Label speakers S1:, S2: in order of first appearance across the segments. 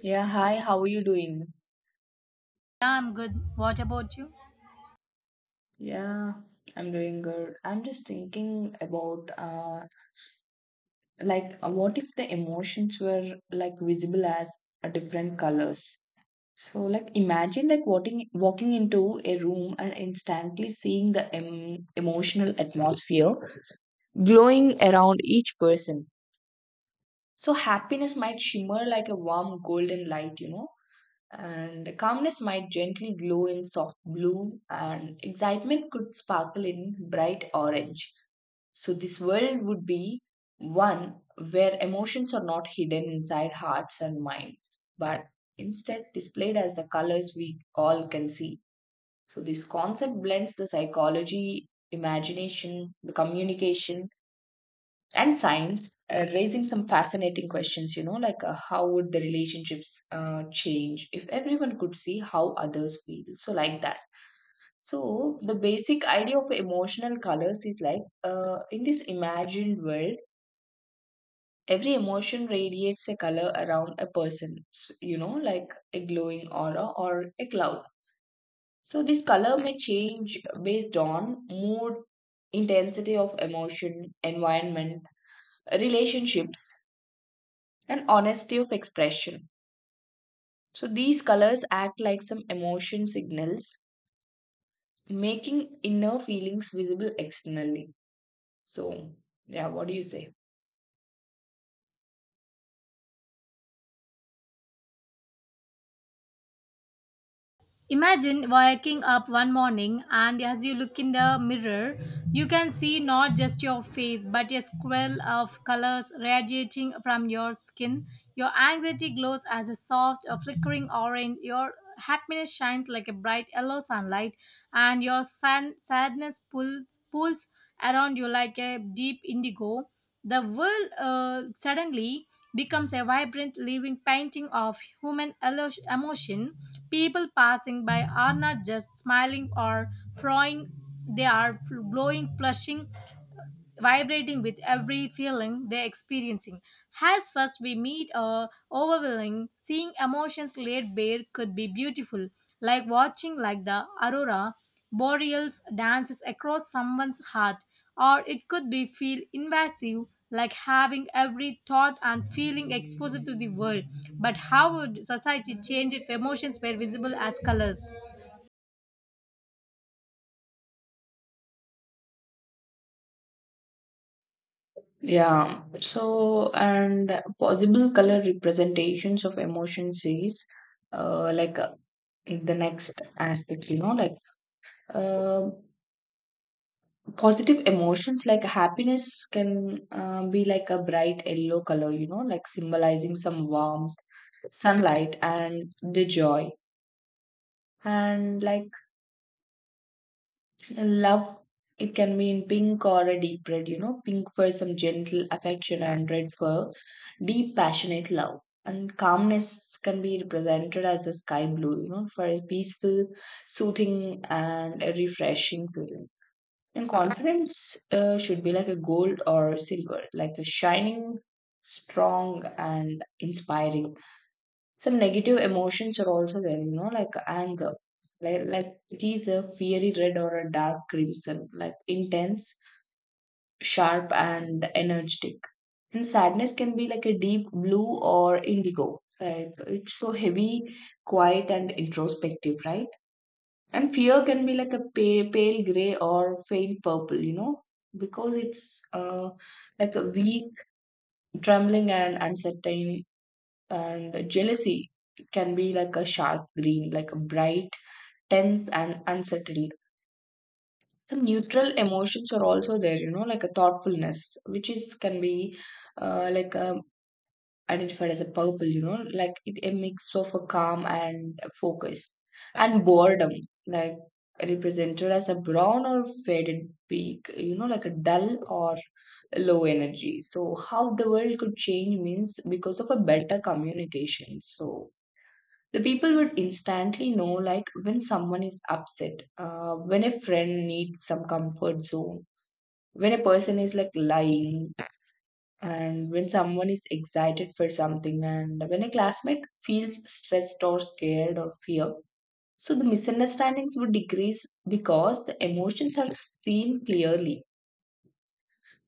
S1: Yeah, hi, how are you doing?
S2: Yeah, I'm good. What about you?
S1: Yeah, I'm doing good. I'm just thinking about what if the emotions were like visible as different colors? So like imagine like walking into a room and instantly seeing the emotional atmosphere glowing around each person. So happiness might shimmer like a warm golden light, and calmness might gently glow in soft blue, and excitement could sparkle in bright orange. So this world would be one where emotions are not hidden inside hearts and minds, but instead displayed as the colors we all can see. So this concept blends the psychology, imagination, the communication, and science, raising some fascinating questions, how would the relationships change if everyone could see how others feel? So like that, so the basic idea of emotional colors is in this imagined world every emotion radiates a color around a person, like a glowing aura or a cloud. So this color may change based on mood, intensity of emotion, environment, relationships, and honesty of expression. So these colors act like some emotion signals, making inner feelings visible externally. So, yeah, what do you say?
S2: Imagine waking up one morning, and as you look in the mirror, you can see not just your face but a swirl of colors radiating from your skin. Your anxiety glows as a soft, a flickering orange. Your happiness shines like a bright yellow sunlight, and your sadness pulls around you like a deep indigo. The world suddenly becomes a vibrant living painting of human emotion. People passing by are not just smiling or frowning, they are glowing, flushing, vibrating with every feeling they're experiencing. As first we meet or overwhelming, seeing emotions laid bare could be beautiful, like watching like the aurora boreals dances across someone's heart, or it could be feel invasive, like having every thought and feeling exposed to the world. But how would society change if emotions were visible as colors?
S1: Yeah, so and possible color representations of emotions is, uh, like uh, the next aspect, uh, positive emotions like happiness can be like a bright yellow color, you know, like symbolizing some warmth, sunlight, and the joy. And like love, it can be in pink or a deep red, you know, pink for some gentle affection and red for deep passionate love. And calmness can be represented as a sky blue, you know, for a peaceful, soothing, and a refreshing feeling. And confidence should be like a gold or silver, like a shining, strong, and inspiring. Some negative emotions are also there, you know, like anger, like it is a fiery red or a dark crimson, like intense, sharp, and energetic. And sadness can be like a deep blue or indigo, like it's so heavy, quiet, and introspective, right? And fear can be like a pale gray or faint purple, you know, because it's like a weak, trembling, and uncertain. And jealousy can be like a sharp green, like a bright, tense, and unsettled. Some neutral emotions are also there, you know, like a thoughtfulness, which is can be uh, like um identified as a purple, you know, like it, a mix of a calm and focus, and boredom, like represented as a brown or faded peak, you know, like a dull or low energy. So, how the world could change means because of a better communication. So the people would instantly know, like when someone is upset, when a friend needs some comfort zone, when a person is like lying, and when someone is excited for something, and when a classmate feels stressed or scared or fear. So the misunderstandings would decrease because the emotions are seen clearly.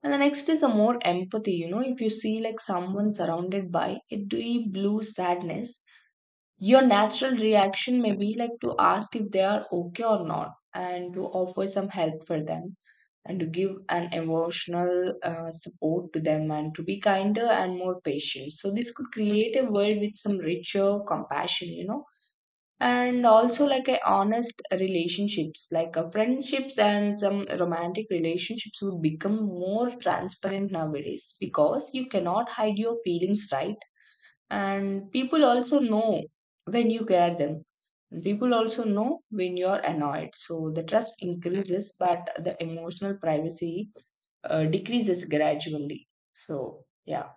S1: And the next is a more empathy. You know, if you see like someone surrounded by a deep blue sadness, your natural reaction may be like to ask if they are okay or not, and to offer some help for them, and to give an emotional support to them, and to be kinder and more patient. So this could create a world with some richer compassion, you know. And also like a honest relationships, like a friendships and some romantic relationships, would become more transparent nowadays because you cannot hide your feelings, right? And people also know when you care them, and people also know when you're annoyed. So the trust increases, but the emotional privacy decreases gradually. So yeah.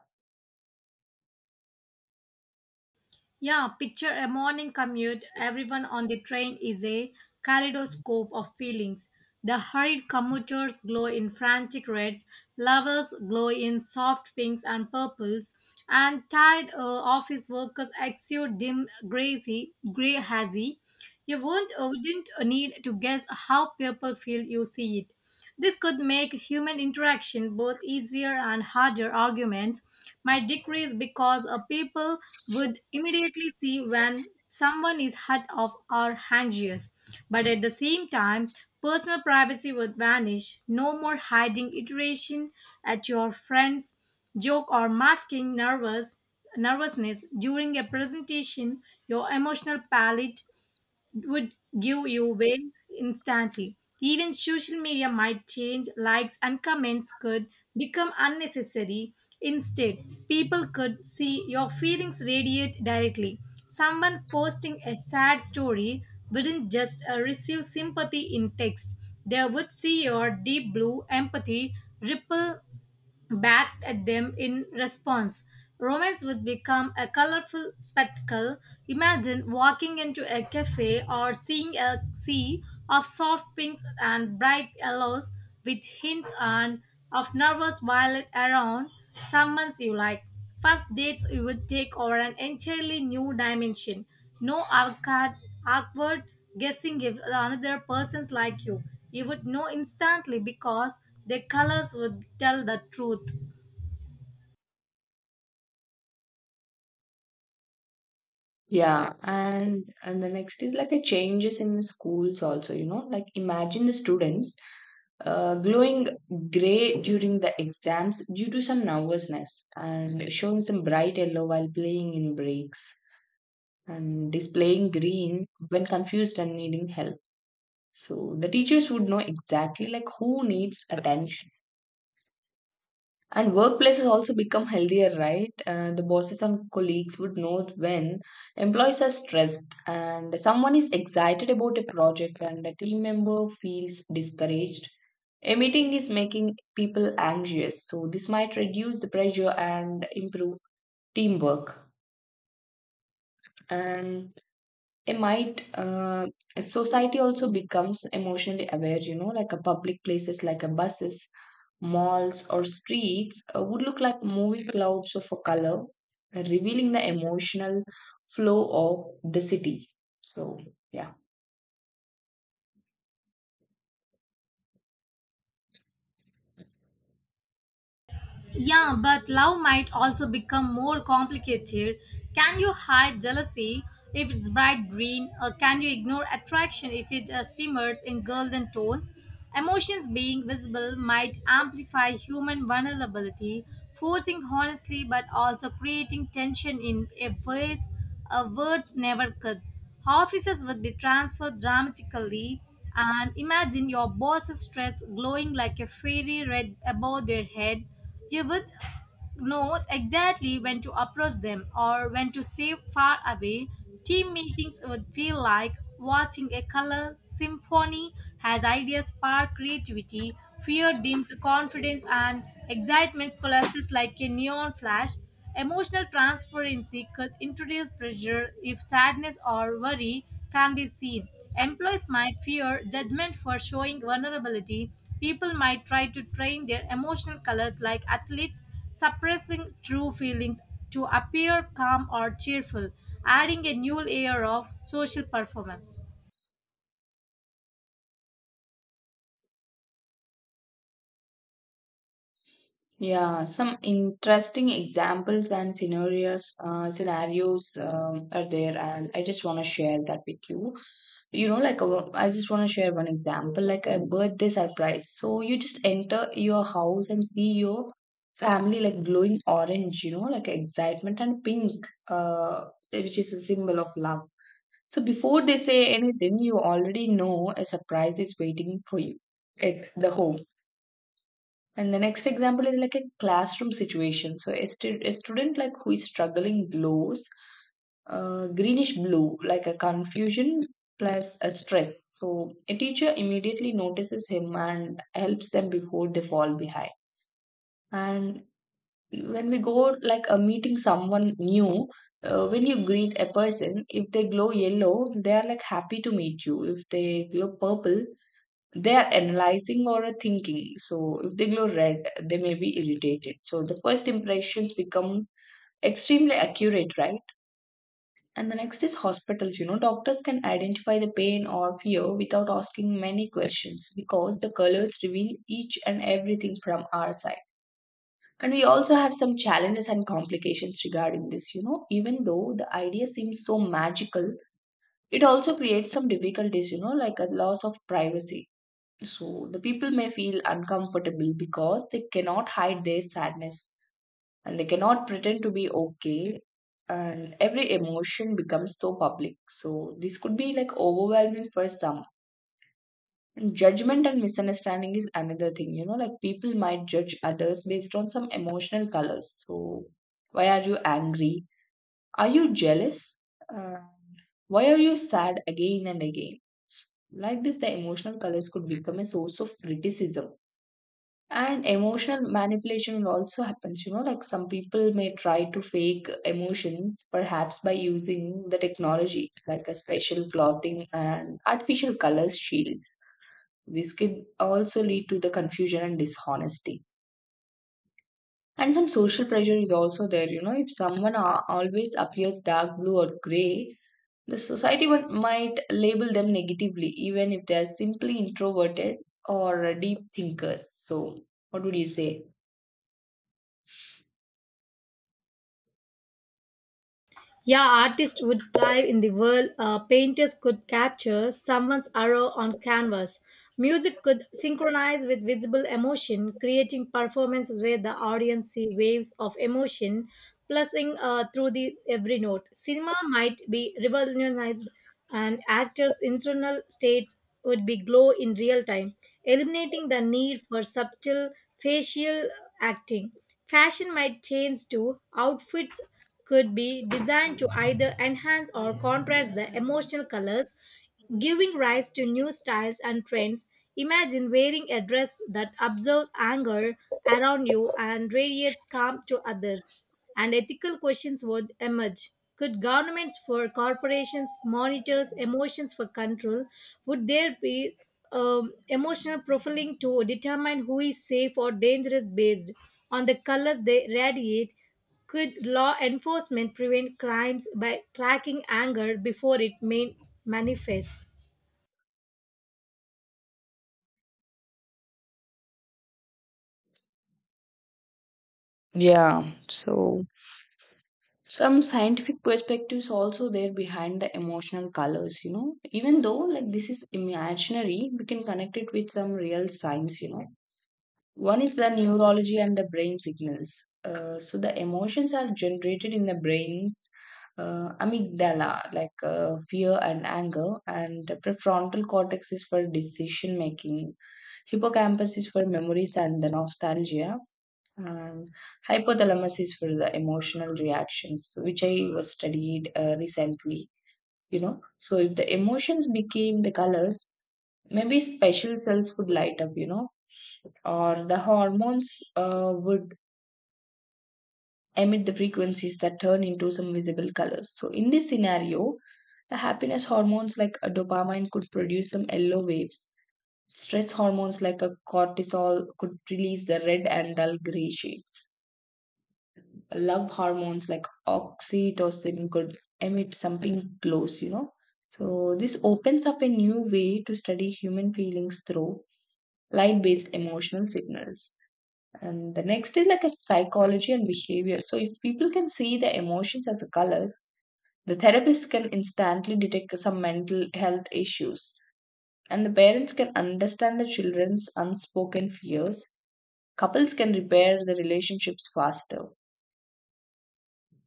S2: Yeah, picture a morning commute. Everyone on the train is a kaleidoscope of feelings. The hurried commuters glow in frantic reds, lovers glow in soft pinks and purples, and tired office workers exude dim grazy, gray hazy. You won't, wouldn't need to guess how people feel, you see it. This could make human interaction both easier and harder. Arguments might decrease because a people would immediately see when someone is hurt off or anxious. But at the same time, personal privacy would vanish, no more hiding iteration at your friends, joke or masking nervousness during a presentation, your emotional palate would give you away instantly. Even social media might change, likes and comments could become unnecessary. Instead, people could see your feelings radiate directly. Someone posting a sad story wouldn't just receive sympathy in text, they would see your deep blue empathy ripple backed at them in response. Romance would become a colorful spectacle. Imagine walking into a cafe or seeing a sea of soft pinks and bright yellows with hints and of nervous violet around someone you like. First dates would take over an entirely new dimension. No awkward guessing if another person's like you. You would know instantly because their colors would tell the truth.
S1: Yeah, and the next is like a changes in schools also, you know, like imagine the students glowing gray during the exams due to some nervousness, and showing some bright yellow while playing in breaks, and displaying green when confused and needing help. So the teachers would know exactly like who needs attention. And workplaces also become healthier, right? The bosses and colleagues would know when employees are stressed, and someone is excited about a project, and a team member feels discouraged. A meeting is making people anxious, so this might reduce the pressure and improve teamwork. And it might, society also becomes emotionally aware, you know, like a public places like a buses, malls, or streets would look like moving clouds of a color, revealing the emotional flow of the city. So yeah.
S2: Yeah, but love might also become more complicated. Can you hide jealousy if it's bright green, or can you ignore attraction if it shimmers in golden tones? Emotions being visible might amplify human vulnerability, forcing honesty but also creating tension in a ways words never could. Offices would be transferred dramatically, and imagine your boss's stress glowing like a fairy red above their head. You would know exactly when to approach them or when to stay far away. Team meetings would feel like watching a color symphony as ideas spark creativity, fear dims confidence, and excitement flashes like a neon flash. Emotional transferency could introduce pressure if sadness or worry can be seen. Employees might fear judgment for showing vulnerability. People might try to train their emotional colors like athletes, suppressing true feelings to appear calm or cheerful, adding a new layer of social performance.
S1: Yeah, some interesting examples and scenarios, are there, and I just want to share that with you. you know like a, I just want to share one example, like a birthday surprise. So you just enter your house and see your family like glowing orange, you know, like excitement, and pink, which is a symbol of love. So before they say anything, you already know a surprise is waiting for you at the home. And the next example is like a classroom situation. So a, a student like who is struggling glows greenish blue, like a confusion plus a stress. So a teacher immediately notices him and helps them before they fall behind. And when we go like a meeting someone new, when you greet a person, if they glow yellow, they are like happy to meet you. If they glow purple, they are analyzing or are thinking. So if they glow red, they may be irritated. So the first impressions become extremely accurate, right? And the next is hospitals. You know, doctors can identify the pain or fear without asking many questions, because the colors reveal each and everything from our side. And we also have some challenges and complications regarding this. You know, even though the idea seems so magical, it also creates some difficulties, you know, like a loss of privacy. So the people may feel uncomfortable because they cannot hide their sadness, and they cannot pretend to be okay. And every emotion becomes so public, so this could be like overwhelming for some. And judgment and misunderstanding is another thing. You know, like people might judge others based on some emotional colors. So why are you angry? Are you jealous? Uh, why are you sad again and again? So, like this, the emotional colors could become a source of criticism. And emotional manipulation also happens, you know, like some people may try to fake emotions, perhaps by using the technology like a special clothing and artificial colors shields. This could also lead to the confusion and dishonesty. And some social pressure is also there, you know, if someone always appears dark blue or gray, the society one might label them negatively, even if they are simply introverted or deep thinkers. So what would you say?
S2: Yeah, artists would thrive in the world. Painters could capture someone's arrow on canvas. Music could synchronize with visible emotion, creating performances where the audience see waves of emotion pulsing through the every note. Cinema might be revolutionized, and actors' internal states would be glow in real time, eliminating the need for subtle facial acting. Fashion might change too. Outfits could be designed to either enhance or contrast the emotional colors, giving rise to new styles and trends. Imagine wearing a dress that absorbs anger around you and radiates calm to others, and ethical questions would emerge. Could governments for corporations monitors emotions for control? Would there be emotional profiling to determine who is safe or dangerous based on the colors they radiate? Could law enforcement prevent crimes by tracking anger before it may manifest?
S1: Yeah, so some scientific perspectives also there behind the emotional colors, you know. Even though like this is imaginary, we can connect it with some real science, you know. One is the neurology and the brain signals. So the emotions are generated in the brain's amygdala, fear and anger, and the prefrontal cortex is for decision making, hippocampus is for memories and the nostalgia, and hypothalamus is for the emotional reactions, which I was studied recently. You know, so if the emotions became the colors, maybe special cells would light up. You know, or the hormones would emit the frequencies that turn into some visible colors. So in this scenario, the happiness hormones like a dopamine could produce some yellow waves. Stress hormones like a cortisol could release the red and dull gray shades. Love hormones like oxytocin could emit something close, you know. So this opens up a new way to study human feelings through light based emotional signals. And the next is like a psychology and behavior. So if people can see the emotions as colors, the therapist can instantly detect some mental health issues. And the parents can understand the children's unspoken fears. Couples can repair the relationships faster,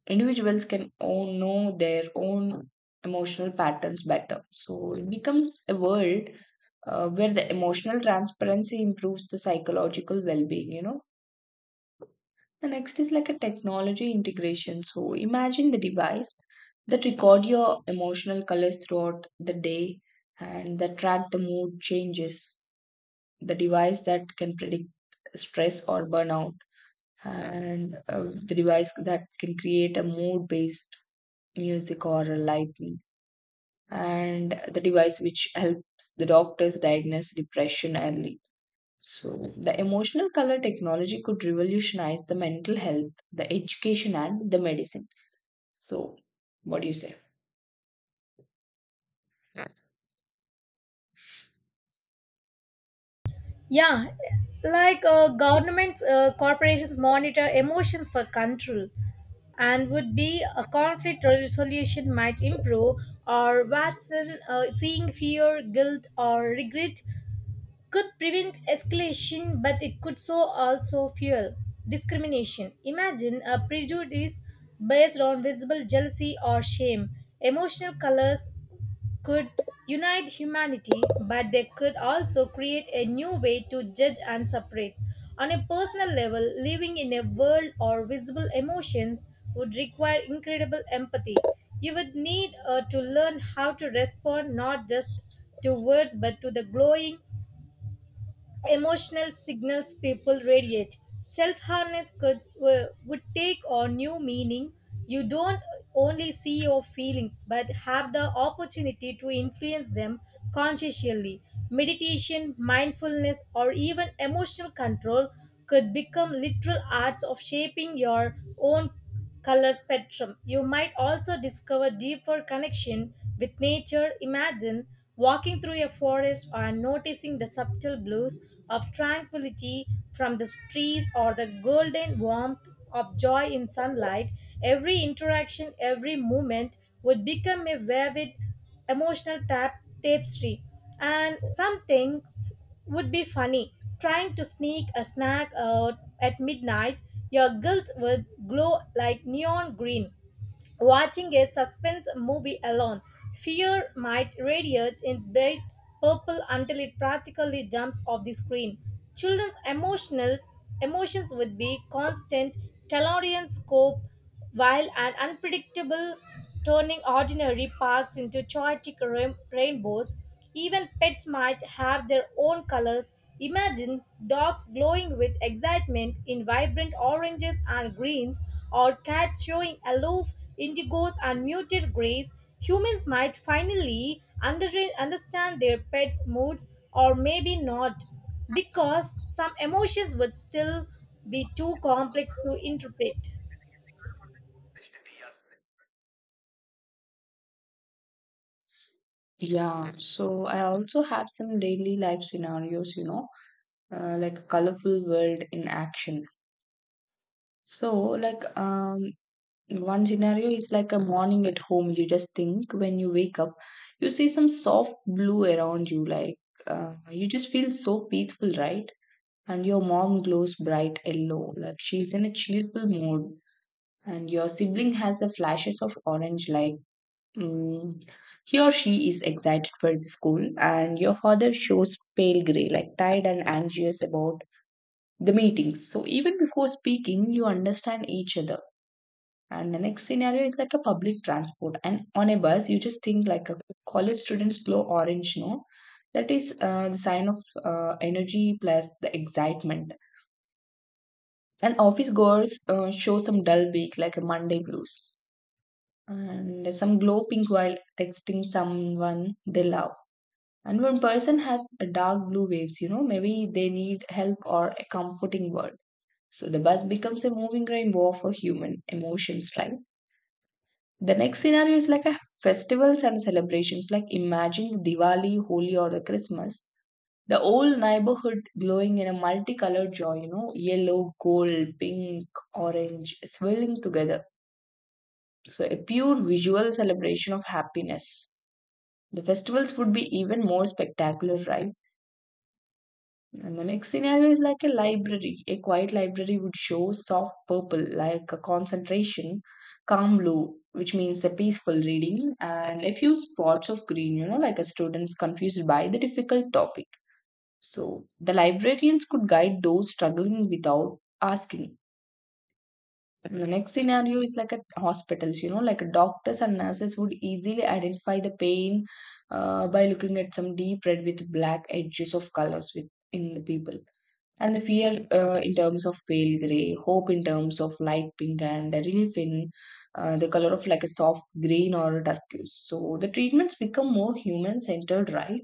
S1: individuals can all know their own emotional patterns better. So it becomes a world where the emotional transparency improves the psychological well being, you know. The next is like a technology integration. So imagine the device that record your emotional colors throughout the day and that track the mood changes. The device that can predict stress or burnout, and the device that can create a mood based music or lighting, and the device which helps the doctors diagnose depression early. So the emotional color technology could revolutionize the mental health, the education, and the medicine. So what do you say?
S2: Yeah, like governments, corporations monitor emotions for control, and would be a conflict resolution might improve or worsen. Seeing fear, guilt or regret could prevent escalation, but it could so also fuel discrimination. Imagine a prejudice based on visible jealousy or shame. Emotional colors could unite humanity, but they could also create a new way to judge and separate. On a personal level, living in a world of visible emotions would require incredible empathy. You would need to learn how to respond not just to words but to the glowing emotional signals people radiate. Self harness could would take on new meaning. You don't only see your feelings, but have the opportunity to influence them consciously. Meditation, mindfulness, or even emotional control could become literal arts of shaping your own color spectrum. You might also discover deeper connection with nature. Imagine walking through a forest or noticing the subtle blues of tranquility from the trees or the golden warmth of joy in sunlight. Every interaction, every moment would become a vivid emotional tapestry. And some things would be funny. Trying to sneak a snack out at midnight, your guilt would glow like neon green. Watching a suspense movie alone, fear might radiate in bright purple until it practically jumps off the screen. Children's emotional emotions would be constant, Calorian scope, while an unpredictable turning ordinary paths into chaotic rainbows. Even pets might have their own colors. Imagine dogs glowing with excitement in vibrant oranges and greens, or cats showing aloof indigos and muted grays. Humans might finally understand their pets' moods, or maybe not, because some emotions would still be too complex to interpret.
S1: Yeah, so I also have some daily life scenarios, you know, like a colorful world in action. So, one scenario is like a morning at home. You just think when you wake up, you see some soft blue around you. Like you just feel so peaceful, right? And your mom glows bright yellow, like she's in a cheerful mood. And your sibling has a flashes of orange, like mm, he or she is excited for the school. And your father shows pale gray, like tired and anxious about the meetings. So even before speaking, you understand each other, and the next scenario is like a public transport. And on a bus, you just think like a college student's glow orange, no? That is the sign of energy plus the excitement. And office goers show some dull week, like a Monday blues. And some glow pink while texting someone they love. And one person has a dark blue waves, you know, maybe they need help or a comforting word. So the bus becomes a moving rainbow for human emotions, right? The next scenario is like a festivals and celebrations. Like imagine the Diwali, Holi, or the Christmas. The old neighborhood glowing in a multicolored joy, you know, yellow, gold, pink, orange, swirling together. So a pure visual celebration of happiness. The festivals would be even more spectacular, right? And the next scenario is like a library. A quiet library would show soft purple, like a concentration, calm blue, which means a peaceful reading, and a few spots of green, you know, like a student's confused by the difficult topic. So the librarians could guide those struggling without asking. And the next scenario is like at hospitals, you know, like doctors and nurses would easily identify the pain by looking at some deep red with black edges of colors with in the people, and the fear in terms of pale grey, hope in terms of light pink, and relief in the color of like a soft green or a turquoise. So the treatments become more human centered, right?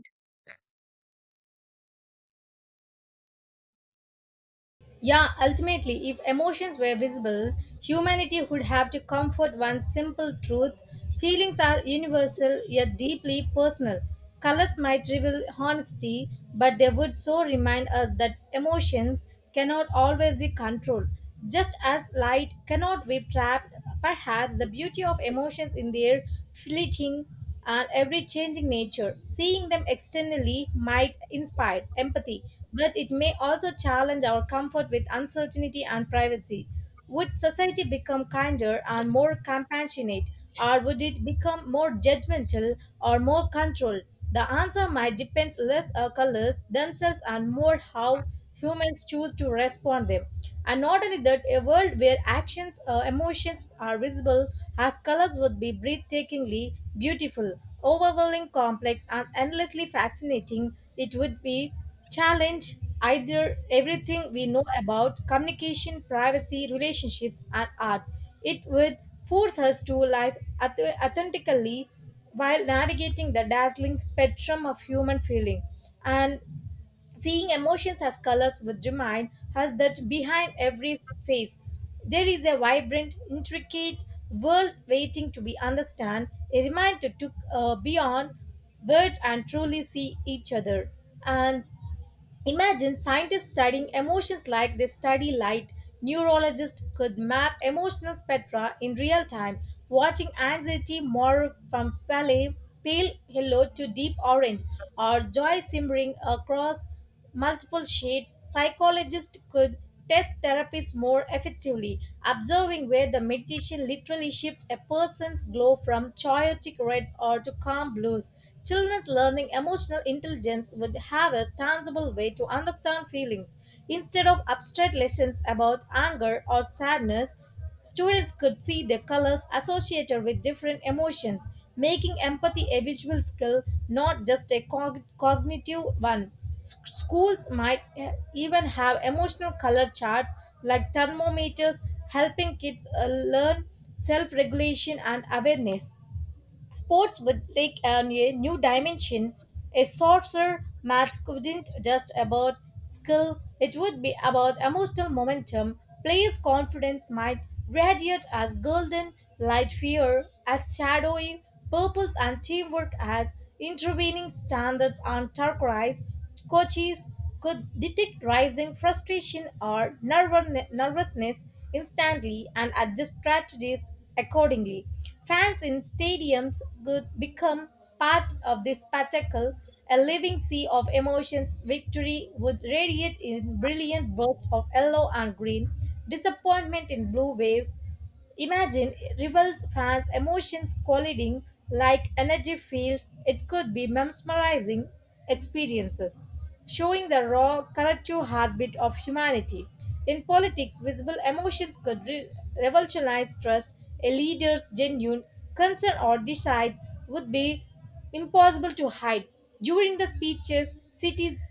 S2: Yeah, ultimately, if emotions were visible, humanity would have to comfort one simple truth. Feelings are universal yet deeply personal. Colors might reveal honesty, but they would so remind us that emotions cannot always be controlled. Just as light cannot be trapped, perhaps the beauty of emotions in their fleeting and every changing nature. Seeing them externally might inspire empathy, but it may also challenge our comfort with uncertainty and privacy. Would society become kinder and more compassionate, or would it become more judgmental or more controlled? The answer might depend less on colors themselves and more how humans choose to respond them. And not only that, a world where actions emotions are visible as colors would be breathtakingly beautiful, overwhelming, complex, and endlessly fascinating. It would be challenge either everything we know about communication, privacy, relationships, and art. It would force us to live authentically while navigating the dazzling spectrum of human feeling. And seeing emotions as colors would remind us that behind every face there is a vibrant, intricate world waiting to be understood, a reminder to beyond words and truly see each other. And imagine scientists studying emotions like they study light. Neurologists could map emotional spectra in real time, watching anxiety morph from pale yellow to deep orange, or joy simmering across multiple shades. Psychologists could test therapies more effectively, observing where the meditation literally shifts a person's glow from chaotic reds or to calm blues. Children's learning emotional intelligence would have a tangible way to understand feelings instead of abstract lessons about anger or sadness. Students could see the colors associated with different emotions, making empathy a visual skill, not just a cognitive one. Schools might eh, even have emotional color charts like thermometers, helping kids learn self regulation and awareness. Sports would take on a new dimension. A sorcerer match couldn't just about skill, it would be about emotional momentum. Players' confidence might radiate as golden, light fear as shadowy purples, and teamwork as intervening standards on turquoise. Coaches could detect rising frustration or nervousness instantly and adjust strategies accordingly. Fans in stadiums could become part of this spectacle, a living sea of emotions. Victory would radiate in brilliant bursts of yellow and green, disappointment in blue waves. Imagine rivals, fans' emotions colliding like energy fields. It could be mesmerizing experiences, showing the raw, collective heartbeat of humanity. In politics, visible emotions could revolutionize trust. A leader's genuine concern or decide would be impossible to hide. During the speeches, cities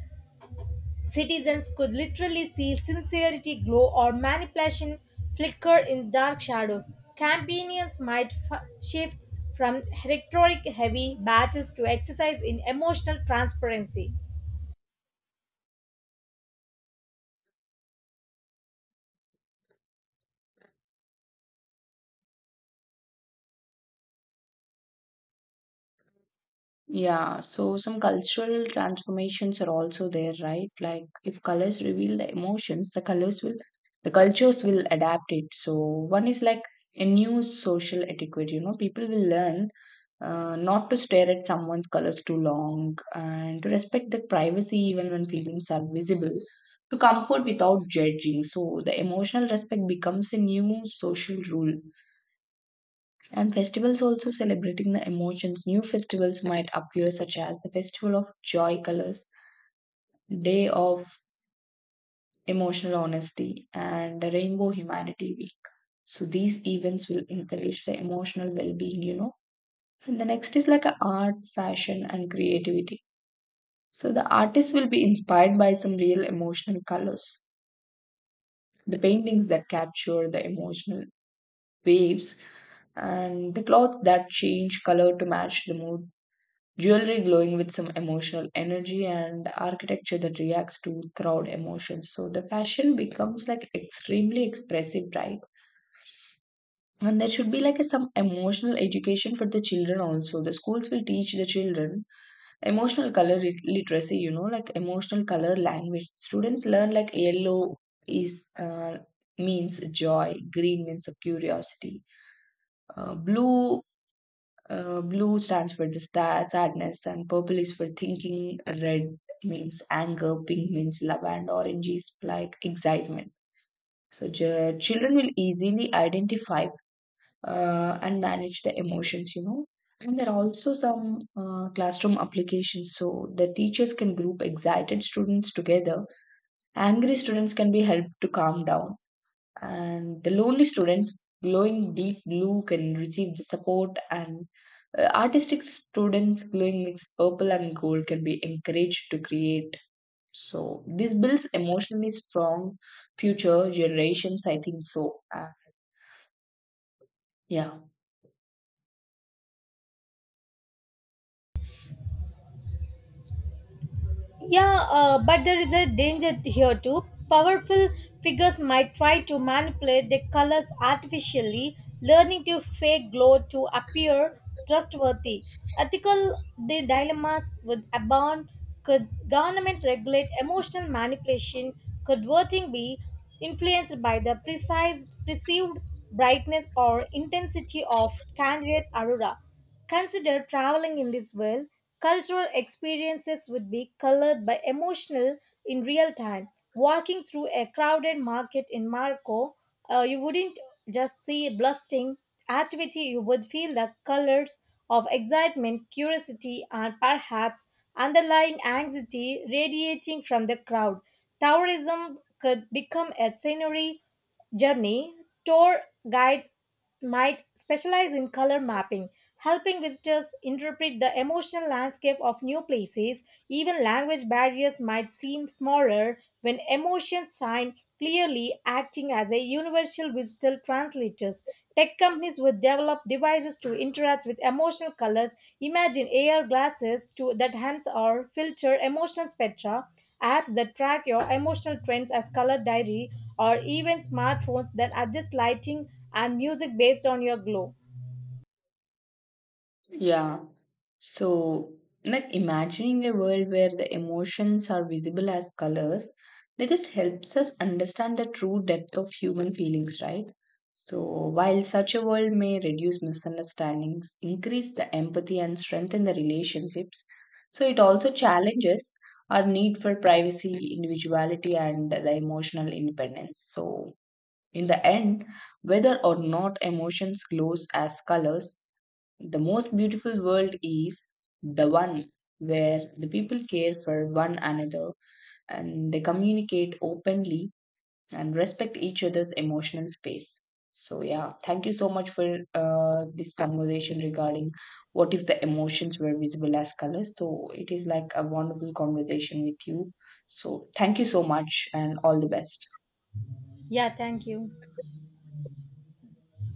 S2: citizens could literally see sincerity glow or manipulation flicker in dark shadows. Campaigns might shift from rhetoric heavy battles to exercise in emotional transparency.
S1: Yeah, so some cultural transformations are also there, right? Like if colors reveal the emotions, the colors will, the cultures will adapt it. So one is like a new social etiquette, you know, people will learn not to stare at someone's colors too long and to respect the privacy even when feelings are visible, to comfort without judging. So the emotional respect becomes a new social rule, and festivals also celebrating the emotions. New festivals might appear, such as the Festival of Joy Colors, Day of Emotional Honesty, and the Rainbow Humanity Week. So these events will encourage the emotional well-being, you know. And the next is like a art, fashion, and creativity. So the artist will be inspired by some real emotional colors, the paintings that capture the emotional waves, and the clothes that change color to match the mood. Jewelry glowing with some emotional energy and architecture that reacts to crowd emotions. So the fashion becomes like extremely expressive, right? And there should be like a, some emotional education for the children also. The schools will teach the children emotional color literacy, you know, like emotional color language. Students learn like yellow is means joy, green means curiosity, blue. Blue stands for the star, sadness, and purple is for thinking. Red means anger, pink means love, and orange is like excitement. So children will easily identify and manage the emotions, you know. And there are also some classroom applications, so the teachers can group excited students together. Angry students can be helped to calm down, and the lonely students glowing deep blue can receive the support, and artistic students glowing mixed purple and gold can be encouraged to create. So this builds emotionally strong future generations, I think so, yeah.
S2: Yeah, but there is a danger here too. Powerful figures might try to manipulate the colors artificially, learning to fake glow to appear trustworthy. Ethical the dilemmas would abound. Could governments regulate emotional manipulation? Could voting be influenced by the precise perceived brightness or intensity of candidates' aurora? Consider traveling in this world. Cultural experiences would be colored by emotional in real time. Walking through a crowded market in Marco, you wouldn't just see bustling activity, you would feel the colors of excitement, curiosity, and perhaps underlying anxiety radiating from the crowd. Tourism could become a scenery journey, tour guides might specialize in color mapping, helping visitors interpret the emotional landscape of new places. Even language barriers might seem smaller when emotions shine clearly, acting as a universal digital translators. Tech companies would develop devices to interact with emotional colors. Imagine AR glasses to that hands or filter emotional spectra, apps that track your emotional trends as color diary, or even smartphones that adjust lighting and music based on your glow.
S1: Yeah. So, like imagining a world where the emotions are visible as colors, that just helps us understand the true depth of human feelings, right? So, while such a world may reduce misunderstandings, increase the empathy, and strengthen the relationships, so it also challenges our need for privacy, individuality, and the emotional independence. So, in the end, whether or not emotions glows as colors, the most beautiful world is the one where the people care for one another, and they communicate openly and respect each other's emotional space. So, yeah, thank you so much for this conversation regarding what if the emotions were visible as colors. So, it is like a wonderful conversation with you. So, thank you so much and all the best.
S2: Yeah, thank you.